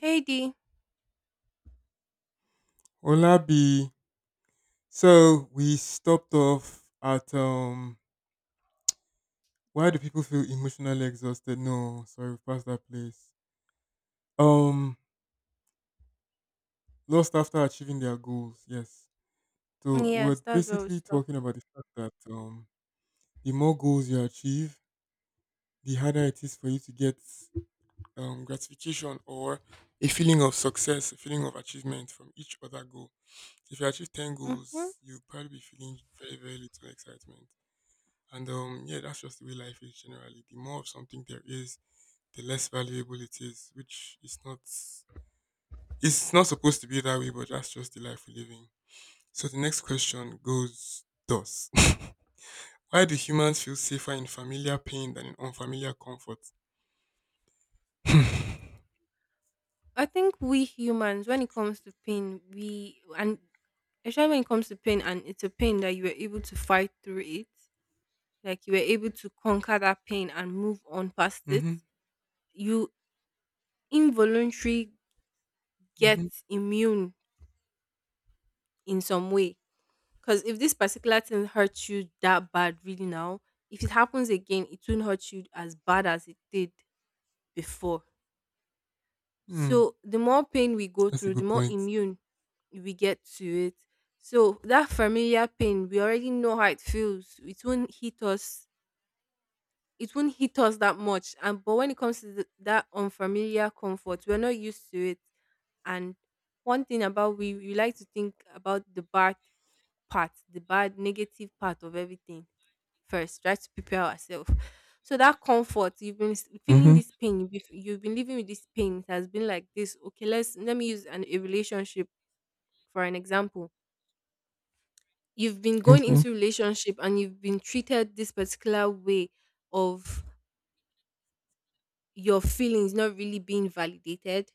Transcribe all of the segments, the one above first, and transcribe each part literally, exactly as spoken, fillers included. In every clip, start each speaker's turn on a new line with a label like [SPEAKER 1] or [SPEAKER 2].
[SPEAKER 1] Heidi.
[SPEAKER 2] Olabi, so we stopped off at um why do people feel emotionally exhausted? No, sorry, we passed that place. Um Lost after achieving their goals, yes. So we're
[SPEAKER 1] Yes, that's where we
[SPEAKER 2] basically talking
[SPEAKER 1] stopped.
[SPEAKER 2] about the fact that um the more goals you achieve, the harder it is for you to get um gratification or a feeling of success, a feeling of achievement from each other goal. If you achieve ten
[SPEAKER 1] hmm
[SPEAKER 2] goals, you'll probably be feeling very, very little excitement. And um, yeah, that's just the way life is generally. The more of something there is, the less valuable it is, which is not it's not supposed to be that way, but that's just the life we live in. So the next question goes thus. Why do humans feel safer in familiar pain than in unfamiliar comfort?
[SPEAKER 1] I think we humans, when it comes to pain, we and especially when it comes to pain, and it's a pain that you were able to fight through it, like you were able to conquer that pain and move on past it.
[SPEAKER 2] Mm-hmm.
[SPEAKER 1] You involuntarily get
[SPEAKER 2] Mm-hmm.
[SPEAKER 1] immune in some way, because if this particular thing hurts you that bad, really now, if it happens again, it won't hurt you as bad as it did before.
[SPEAKER 2] Mm.
[SPEAKER 1] So the more pain we go
[SPEAKER 2] That's a
[SPEAKER 1] through, the
[SPEAKER 2] good
[SPEAKER 1] more
[SPEAKER 2] point.
[SPEAKER 1] immune we get to it. So that familiar pain, we already know how it feels. It won't hit us. It won't hit us that much. And but when it comes to th- that unfamiliar comfort, we're not used to it. And one thing about we we like to think about the bad part, the bad negative part of everything first, try to prepare ourselves. So that comfort, you've been s- feeling
[SPEAKER 2] Mm-hmm.
[SPEAKER 1] this pain, you've been f- you've been living with this pain. It has been like this. Okay, let's let me use an, a relationship for an example. You've been going
[SPEAKER 2] Okay.
[SPEAKER 1] into relationship and you've been treated this particular way of your feelings not really being validated.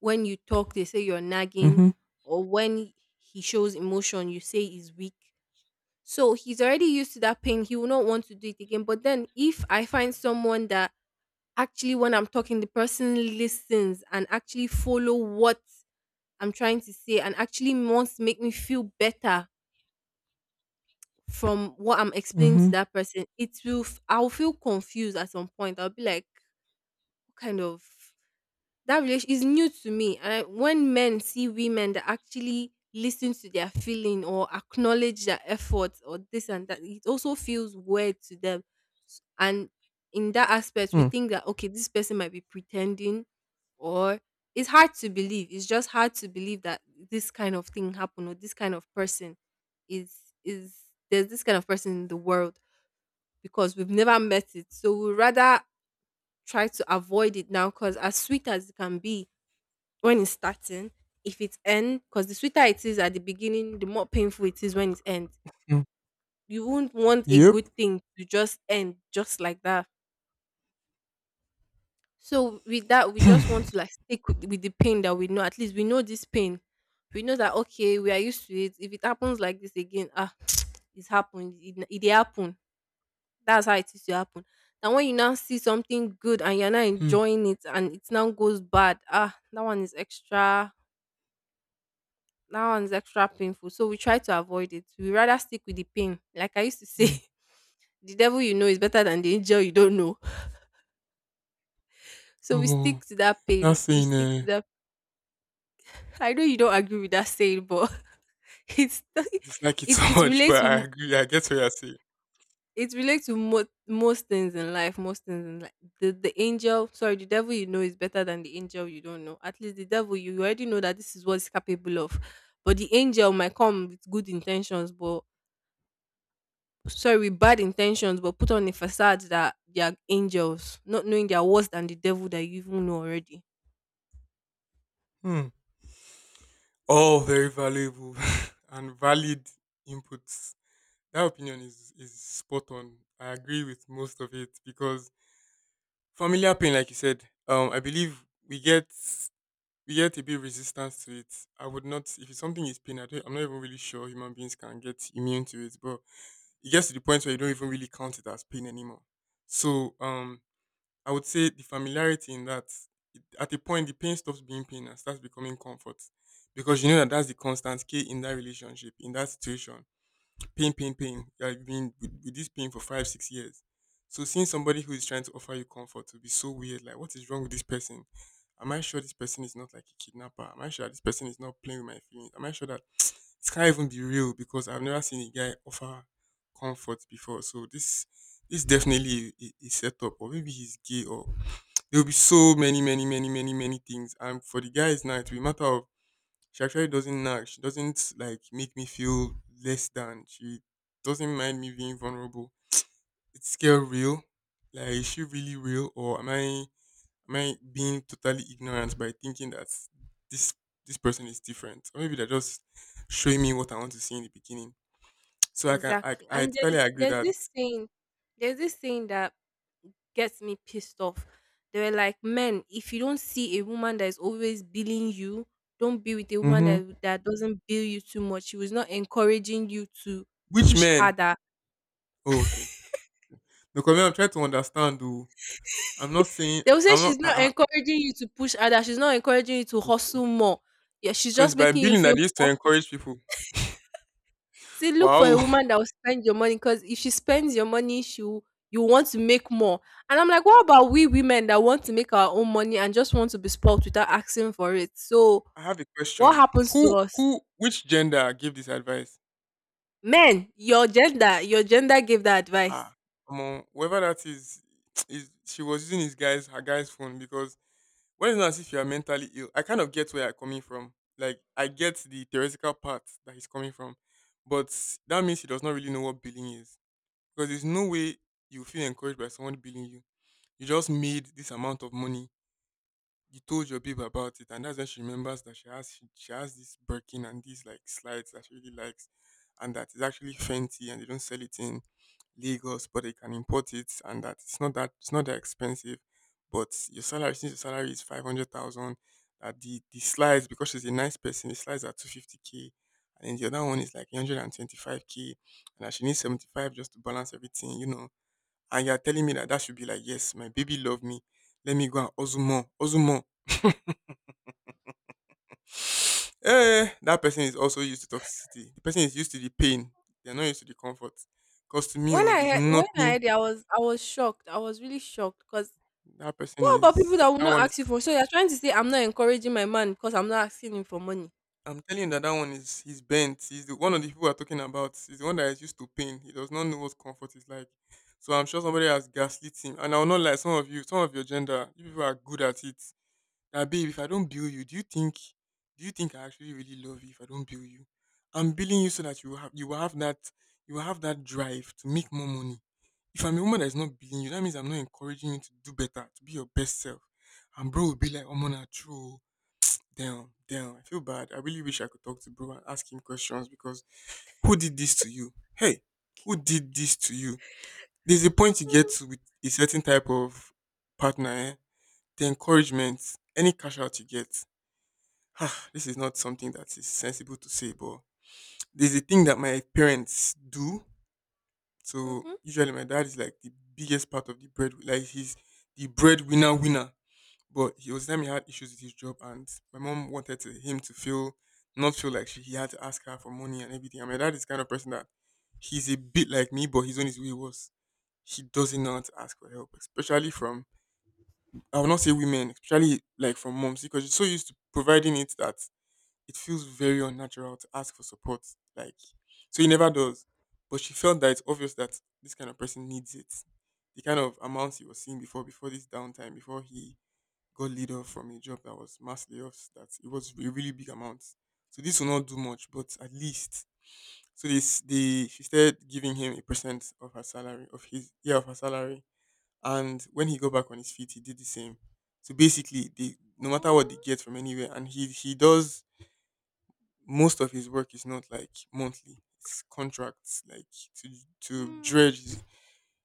[SPEAKER 1] When you talk, they say you're nagging,
[SPEAKER 2] Mm-hmm.
[SPEAKER 1] or when he shows emotion, you say he's weak. So he's already used to that pain. He will not want to do it again. But then if I find someone that actually, when I'm talking, the person listens and actually follow what I'm trying to say and actually wants to make me feel better from what I'm explaining to
[SPEAKER 2] Mm-hmm.
[SPEAKER 1] that person. It will f- I'll feel confused at some point. I'll be like, what kind of, that relation is new to me. And when men see women that actually listen to their feeling or acknowledge their efforts or this and that, it also feels weird to them. S- And in that aspect, we
[SPEAKER 2] Hmm.
[SPEAKER 1] think that okay, this person might be pretending, or it's hard to believe. It's just hard to believe that this kind of thing happened or this kind of person is is there's this kind of person in the world because we've never met it. So we rather try to avoid it now because as sweet as it can be, when it's starting, if it's end, because the sweeter it is at the beginning, the more painful it is when it ends.
[SPEAKER 2] Hmm.
[SPEAKER 1] You won't want a
[SPEAKER 2] Yep.
[SPEAKER 1] good thing to just end just like that. So with that, we just want
[SPEAKER 2] Hmm.
[SPEAKER 1] to like stick with, with the pain that we know. At least we know this pain. We know that okay, we are used to it. If it happens like this again, ah, it's happened. It it dey happen. That's how it is to happen. And when you now see something good and you're not
[SPEAKER 2] Hmm.
[SPEAKER 1] enjoying it and it now goes bad, ah, that one is extra that one's extra painful. So we try to avoid it. We rather stick with the pain. Like I used to say,
[SPEAKER 2] Hmm.
[SPEAKER 1] the devil you know is better than the angel you don't know. So we
[SPEAKER 2] Oh,
[SPEAKER 1] stick to that
[SPEAKER 2] not
[SPEAKER 1] pain. We
[SPEAKER 2] saying
[SPEAKER 1] stick to
[SPEAKER 2] uh,
[SPEAKER 1] that. I know you don't agree with that saying, but it's
[SPEAKER 2] dislike it
[SPEAKER 1] it
[SPEAKER 2] so
[SPEAKER 1] it
[SPEAKER 2] much,
[SPEAKER 1] relates
[SPEAKER 2] but I
[SPEAKER 1] to,
[SPEAKER 2] agree. I get what you're saying.
[SPEAKER 1] it relates to mo- most things in life. Most things in life. The the angel, sorry, the devil you know is better than the angel you don't know. At least the devil, you already know that this is what it's capable of. But the angel might come with good intentions, but sorry, bad intentions, but put on a facade that they are angels, not knowing they are worse than the devil that you even know already.
[SPEAKER 2] Hmm. All very valuable and valid inputs. That opinion is is spot on. I agree with most of it because familiar pain, like you said, um, I believe we get we get a bit resistance to it. I would not if it's something is pain. I don't, I'm not even really sure human beings can get immune to it, but it gets to the point where you don't even really count it as pain anymore. So um, I would say the familiarity in that it- at a point the pain stops being pain and starts becoming comfort, because you know that that's the constant key in that relationship, in that situation. Pain, pain, pain, you have been with, with this pain for five six years, so seeing somebody who is trying to offer you comfort would be so weird. Like, what is wrong with this person? Am I sure this person is not like a kidnapper? Am I sure this person is not playing with my feelings? Am I sure that it can't even be real, because I've never seen a guy offer comfort before? So this this definitely a, a a setup, or maybe he's gay, or there will be so many, many, many, many, many things. And for the guys now, it will be a matter of, she actually doesn't nag. She doesn't like make me feel less than. She doesn't mind me being vulnerable. It's scale real. Like, is she really real, or am I am I being totally ignorant by thinking that this this person is different? Or maybe they're just showing me what I want to see in the beginning. So I can I
[SPEAKER 1] Exactly.
[SPEAKER 2] I
[SPEAKER 1] And
[SPEAKER 2] totally
[SPEAKER 1] there's
[SPEAKER 2] agree
[SPEAKER 1] there's
[SPEAKER 2] that.
[SPEAKER 1] this saying, there's this saying that gets me pissed off. They were like, men, if you don't see a woman that is always billing you, don't be with a woman
[SPEAKER 2] Hmm,
[SPEAKER 1] that that doesn't bill you too much. She was not encouraging you to
[SPEAKER 2] which
[SPEAKER 1] push
[SPEAKER 2] men?
[SPEAKER 1] harder.
[SPEAKER 2] Oh, okay. Because I'm trying to understand though. I'm not saying
[SPEAKER 1] They will say
[SPEAKER 2] I'm
[SPEAKER 1] she's
[SPEAKER 2] not.
[SPEAKER 1] not
[SPEAKER 2] I,
[SPEAKER 1] encouraging you to push harder. She's not encouraging you to hustle more. Yeah, she's
[SPEAKER 2] So it's
[SPEAKER 1] just
[SPEAKER 2] by
[SPEAKER 1] making you
[SPEAKER 2] billing that
[SPEAKER 1] feel,
[SPEAKER 2] they used to encourage people.
[SPEAKER 1] see, look for
[SPEAKER 2] Wow.
[SPEAKER 1] a woman that will spend your money because if she spends your money, she will, you want to make more. And I'm like, what
[SPEAKER 2] I
[SPEAKER 1] about we women that want to make our own money and just want to be spoiled without asking for it? So
[SPEAKER 2] I have a
[SPEAKER 1] what
[SPEAKER 2] question.
[SPEAKER 1] happens to
[SPEAKER 2] Who
[SPEAKER 1] us?
[SPEAKER 2] who which gender gave this advice?
[SPEAKER 1] Men, your gender, your gender gave that
[SPEAKER 2] Ah,
[SPEAKER 1] advice.
[SPEAKER 2] come on. Whoever that is, is she was using his guy's her guy's phone, because when it's not as if you are mentally ill. I kind of get where you're coming from. Like, I get the theoretical part that he's coming from. But that means he does not really know what billing is. Because there's no way you feel encouraged by someone billing you. You just made this amount of money, you told your babe about it, and that's when she remembers that she has she, she has this Birkin and these like slides that she really likes, and that is actually Fenty, and they don't sell it in Lagos, but they can import it, and that it's not that it's not that expensive, but your salary, since your salary is five hundred thousand, that the the slides, because she's a nice person, the slides are two fifty k, and then the other one is like one hundred and twenty five k, and that she needs seventy five just to balance everything, you know. And you're telling me that that should be like, yes, my baby love me. Let me go and hustle more, hustle more. Eh, that person is also used to toxicity. The person is used to the pain. They're not used to the comfort. Cause to me,
[SPEAKER 1] When
[SPEAKER 2] oh,
[SPEAKER 1] I
[SPEAKER 2] there's
[SPEAKER 1] heard, when I
[SPEAKER 2] nothing.
[SPEAKER 1] heard it, I was I was shocked. I was really shocked because
[SPEAKER 2] That person
[SPEAKER 1] what about people that
[SPEAKER 2] is.
[SPEAKER 1] will
[SPEAKER 2] That
[SPEAKER 1] not
[SPEAKER 2] one is.
[SPEAKER 1] ask you for? So you're trying to say I'm not encouraging my man because I'm not asking him for money.
[SPEAKER 2] I'm telling you that that one is. He's bent. He's the one of the people we're talking about. He's the one that is used to pain. He does not know what comfort is like. So I'm sure somebody has gaslit him. And I will not lie, some of you, some of your gender, you people are good at it. That babe, if I don't bill you, do you think do you think I actually really love you if I don't bill you? I'm billing you so that you will have you will have that you will have that drive to make more money. If I'm a woman that's not billing you, that means I'm not encouraging you to do better, to be your best self. And bro will be like, oh man, true. Oh. Damn, damn. I feel bad. I really wish I could talk to bro and ask him questions, because who did this to you? Hey, who did this to you? There's a point you get to with a certain type of partner, eh? The encouragement, any cash out you get, ah, this is not something that is sensible to say, but there's a thing that my parents do. So
[SPEAKER 1] Mm-hmm.
[SPEAKER 2] usually my dad is like the biggest part of the bread, like he's the breadwinner winner. But he was time he had issues with his job, and my mom wanted to, him to feel, not feel like she he had to ask her for money and everything. And my dad is the kind of person that he's a bit like me, but he's on his way worse. He doesn't know how to ask for help, especially from, I will not say women, especially like from moms, because she's so used to providing it that it feels very unnatural to ask for support. Like, so he never does. But she felt that it's obvious that this kind of person needs it. The kind of amounts he was seeing before, before this downtime, before he got laid off from a job that was mass layoffs, that it was a really big amount. So this will not do much, but at least. So this, they, she started giving him a percent of her salary, of his, yeah, of her salary. And when he got back on his feet, he did the same. So basically, they, no matter what they get from anywhere, and he, he does, most of his work is not like monthly. It's contracts like to to
[SPEAKER 1] Mm,
[SPEAKER 2] dredge is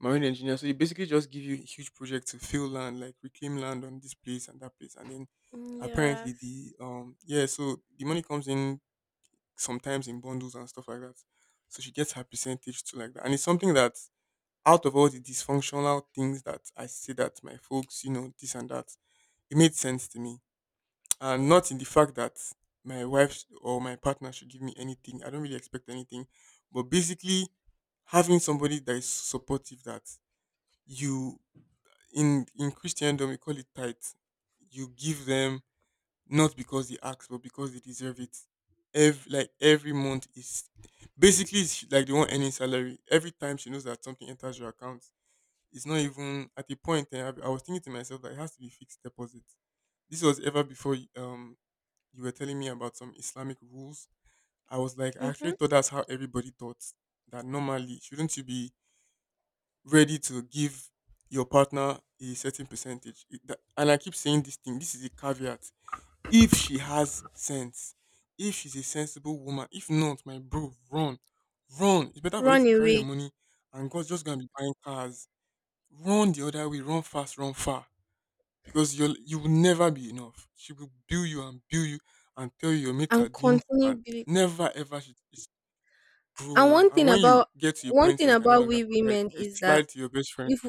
[SPEAKER 2] marine engineer. So he basically just give you a huge project to fill land, like reclaim land on this place and that place. And then
[SPEAKER 1] mm,
[SPEAKER 2] apparently
[SPEAKER 1] yes.
[SPEAKER 2] the um yeah, so the money comes in sometimes in bundles and stuff like that. So she gets her percentage too like that. And it's something that out of all the dysfunctional things that I say that my folks, you know, this and that, it made sense to me, and not in the fact that my wife sh- or my partner should give me anything. I don't really expect anything, but basically having somebody that is supportive, that you, in in Christendom we call it tithe. You give them not because they ask, but because they deserve it. Every, like, every month is basically, it's like the one earning salary. Every time she knows that something enters your account, it's not even at a point. Eh, I I was thinking to myself that it has to be fixed deposit. This was ever before um you were telling me about some Islamic rules. I was like, I
[SPEAKER 1] Mm-hmm.
[SPEAKER 2] actually thought that's how everybody thought, that normally shouldn't you be ready to give your partner a certain percentage? It- that- and I keep saying this thing. This is a caveat. If she has sense, if she's a sensible woman, if not, my bro, run, run. It's better for you to
[SPEAKER 1] Run
[SPEAKER 2] carry your
[SPEAKER 1] away
[SPEAKER 2] money and God's just gonna be buying cars. Run the other way. Run fast. Run far, because you'll you will never be enough. She will build you and build you and tell you your mates are
[SPEAKER 1] and
[SPEAKER 2] doing
[SPEAKER 1] continue
[SPEAKER 2] and
[SPEAKER 1] believe.
[SPEAKER 2] never ever should it's,
[SPEAKER 1] And
[SPEAKER 2] bro.
[SPEAKER 1] one
[SPEAKER 2] And
[SPEAKER 1] thing
[SPEAKER 2] when you
[SPEAKER 1] about
[SPEAKER 2] get to a
[SPEAKER 1] one
[SPEAKER 2] point
[SPEAKER 1] thing
[SPEAKER 2] where you can no
[SPEAKER 1] about
[SPEAKER 2] longer
[SPEAKER 1] we
[SPEAKER 2] provide,
[SPEAKER 1] women
[SPEAKER 2] you
[SPEAKER 1] is that
[SPEAKER 2] slide to your best friend.
[SPEAKER 1] if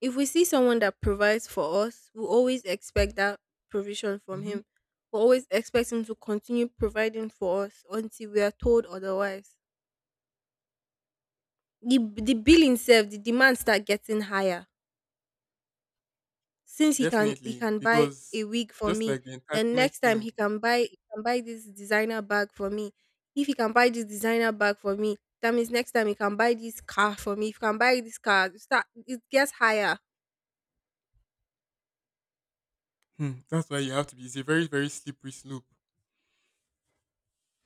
[SPEAKER 1] if we see someone that provides for us, we always expect that provision from
[SPEAKER 2] Hmm.
[SPEAKER 1] him. We always expect him to continue providing for us until we are told otherwise. The the bill itself, the demand start getting higher. Since he can he
[SPEAKER 2] Definitely,
[SPEAKER 1] can buy
[SPEAKER 2] because
[SPEAKER 1] a wig for
[SPEAKER 2] just
[SPEAKER 1] me,
[SPEAKER 2] like the
[SPEAKER 1] then
[SPEAKER 2] entitlement
[SPEAKER 1] next time
[SPEAKER 2] thing,
[SPEAKER 1] he can buy he can buy this designer bag for me. If he can buy this designer bag for me, that means next time he can buy this car for me. If he can buy this car, it start, it gets higher.
[SPEAKER 2] hmm, that's why you have to be. It's a very, very slippery slope.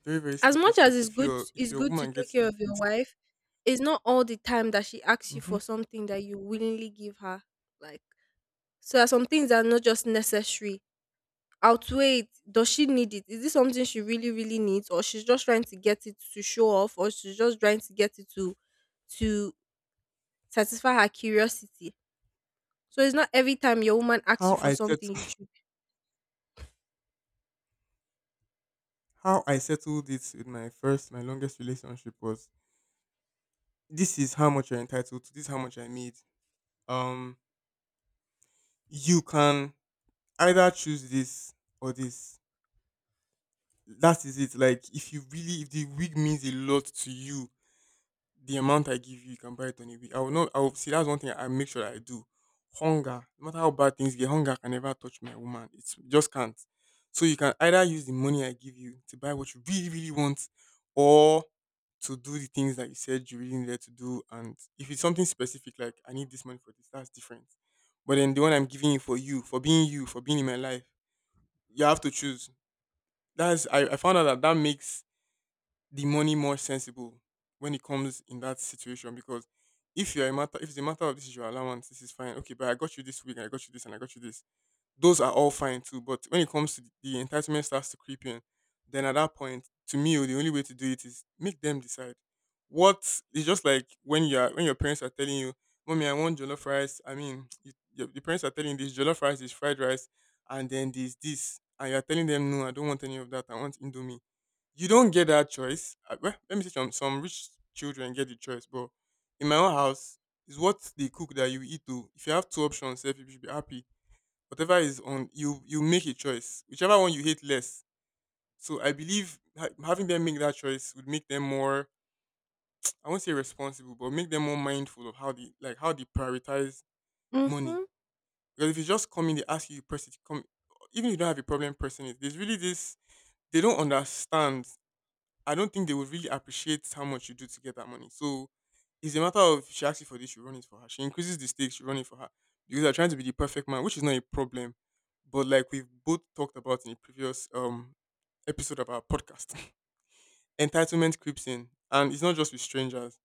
[SPEAKER 2] Very, very
[SPEAKER 1] As
[SPEAKER 2] slippery
[SPEAKER 1] much
[SPEAKER 2] slope.
[SPEAKER 1] as it's
[SPEAKER 2] If
[SPEAKER 1] good
[SPEAKER 2] your if
[SPEAKER 1] it's
[SPEAKER 2] your
[SPEAKER 1] good to
[SPEAKER 2] woman
[SPEAKER 1] take
[SPEAKER 2] gets
[SPEAKER 1] care
[SPEAKER 2] used
[SPEAKER 1] of
[SPEAKER 2] to
[SPEAKER 1] your
[SPEAKER 2] it.
[SPEAKER 1] wife, it's not all the time that she asks you
[SPEAKER 2] Hmm.
[SPEAKER 1] for something that you willingly give her. Like, so there are some things that are not just necessary. Outweigh it. Does she need it? Is this something she really, really needs? Or she's just trying to get it to show off or she's just trying to get it to to satisfy her curiosity. So it's not every time your woman asks
[SPEAKER 2] How
[SPEAKER 1] you for
[SPEAKER 2] I settled
[SPEAKER 1] something you should.
[SPEAKER 2] how I settled it with my first my longest relationship was, this is how much you're entitled to. This is how much I made. um you can either choose this or this. That is it. Like, if you really, if the wig means a lot to you, the amount I give you, you can buy it on a week. I will not. I will see. That's one thing I make sure that I do. Hunger, no matter how bad things get, hunger can never touch my woman. It's it just can't. So you can either use the money I give you to buy what you really, really want, or to do the things that you said you really needed to do. And if it's something specific, like I need this money for this, that's different. But then the one I'm giving you, for you, for being you, for being in my life, you have to choose. That's I, I found out that that makes the money more sensible when it comes in that situation, because if you're a matter if it's a matter of this is your allowance, this is fine. Okay, but I got you this week and I got you this and I got you this. Those are all fine too. But when it comes to the entitlement starts to creep in, then at that point, to me, oh, the only way to do it is make them decide. What? It's just like when you're when your parents are telling you, Mommy, I want jollof rice. I mean, you, your, your parents are telling you this jollof rice is fried rice and then this this, and you're telling them, no, I don't want any of that. I want indomie. You don't get that choice. Uh, Well, let me say some some rich children get the choice, but in my own house, it's what they cook that you eat. To, if you have two options, sef, you should be happy. Whatever is on you, you make a choice. Whichever one you hate less. So I believe ha- having them make that choice would make them more. I won't say responsible, but make them more mindful of how they like how they prioritize money.
[SPEAKER 1] Mm-hmm.
[SPEAKER 2] Because if you just come in, they ask you, you press it. Come, even if you don't have a problem pressing it. There's really this. They don't understand. I don't think they would really appreciate how much you do to get that money. So it's a matter of, if she asks you for this, you run it for her. She increases the stakes, you run it for her. Because they're trying to be the perfect man, which is not a problem. But like we've both talked about in a previous um episode of our podcast, entitlement creeps in. And it's not just with strangers.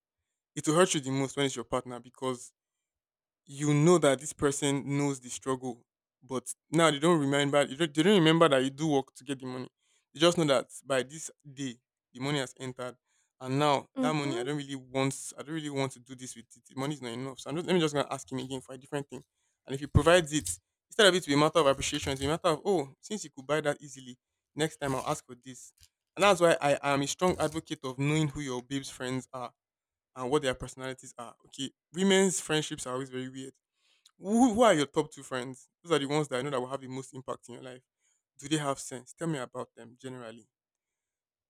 [SPEAKER 2] It will hurt you the most when it's your partner, because you know that this person knows the struggle, but now they don't remember. They don't they don't remember that you do work to get the money. They just know that by this day the money has entered, and now that money, I
[SPEAKER 1] Mm-hmm.
[SPEAKER 2] don't really want. I don't really want to do this with it. The money is not enough. So I'm just, let me just gonna ask him again for a different thing. And if he provides it, instead of it to be a matter of appreciation, it's a matter of, oh, since you could buy that easily, next time I'll ask for this. And that's why I am a strong advocate of knowing who your babe's friends are and what their personalities are. Okay, women's friendships are always very weird. Who, who are your top two friends? Those are the ones that I know that will have the most impact in your life. Do they have sense? Tell me about them generally.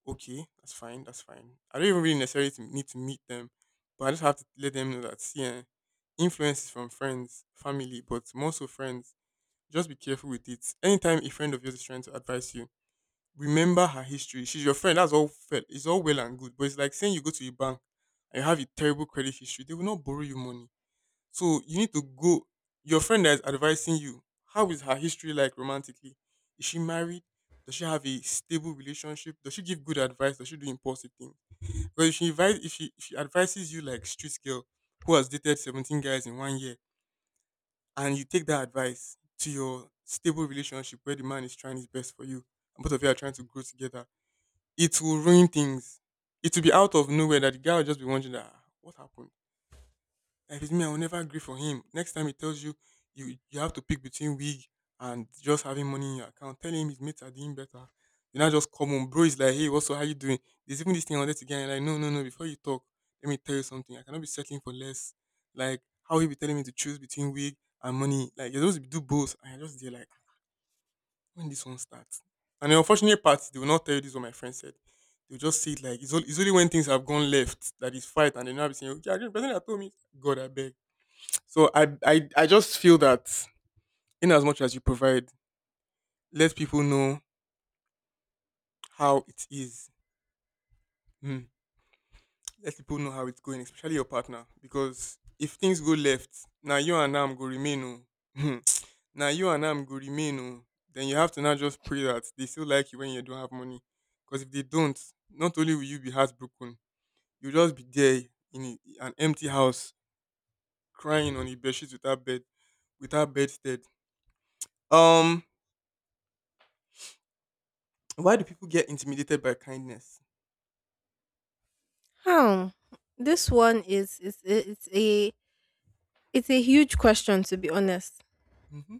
[SPEAKER 2] Okay, that's fine. That's fine. I don't even really necessarily to- need to meet them, but I just have to let them know that, yeah, influences from friends, family, but more so friends. Just be careful with it. Anytime a friend of yours is trying to advise you, remember her history. She's your friend. That's all. Fair. It's all well and good, but it's like saying you go to a bank and you have a terrible credit history. They will not borrow you money, so you need to go. Your friend that is advising you, how is her history like romantically? Is she married? Does she have a stable relationship? Does she give good advice? Does she do impulsive things? Because if she advise, if she if she advises you like street girl who has dated seventeen guys in one year, and you take that advice to your stable relationship where the man is trying his best for you, and both of you are trying to grow together, it will ruin things. It will be out of nowhere that the guy will just be wondering, ah, what happened? If it's me, I will never agree for him. Next time he tells you you you have to pick between wig and just having money in your account, tell him his mates are doing better. You now just come on, bro. It's like, hey, what's up? How you doing? There's even this thing I wanted to get. And you're like, no, no, no. Before you talk, let me tell you something. I cannot be settling for less. Like, how he be telling me to choose between wig and money? Like, you're supposed to do both. And I just there like, "Ah, when this one starts." And the unfortunate part, they will not tell you this. Is what my friend said, they'll just see it like it's all. It's only when things have gone left that is fight, and they now be saying, okay, I agree. The person that told me, God, I beg. So I I I just feel that, in as much as you provide, let people know how it is. Mm. Let people know how it's going, especially your partner, because if things go left, now you and I'm go remain. Oh. Hmm. Now you and I'm go remain. Oh. Then you have to now just pray that they still like you when you don't have money, because if they don't, not only will you be heartbroken, you'll just be there in a- an empty house crying on a bedsheet without bed, without bedstead. Um, why do people get intimidated by kindness?
[SPEAKER 1] How? This one is is it's a, it's a huge question to be honest.
[SPEAKER 2] Mhm.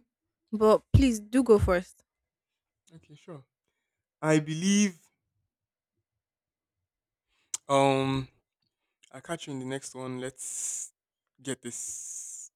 [SPEAKER 1] But please do go first.
[SPEAKER 2] Okay, sure. I believe um I'll catch you in the next one. Let's get this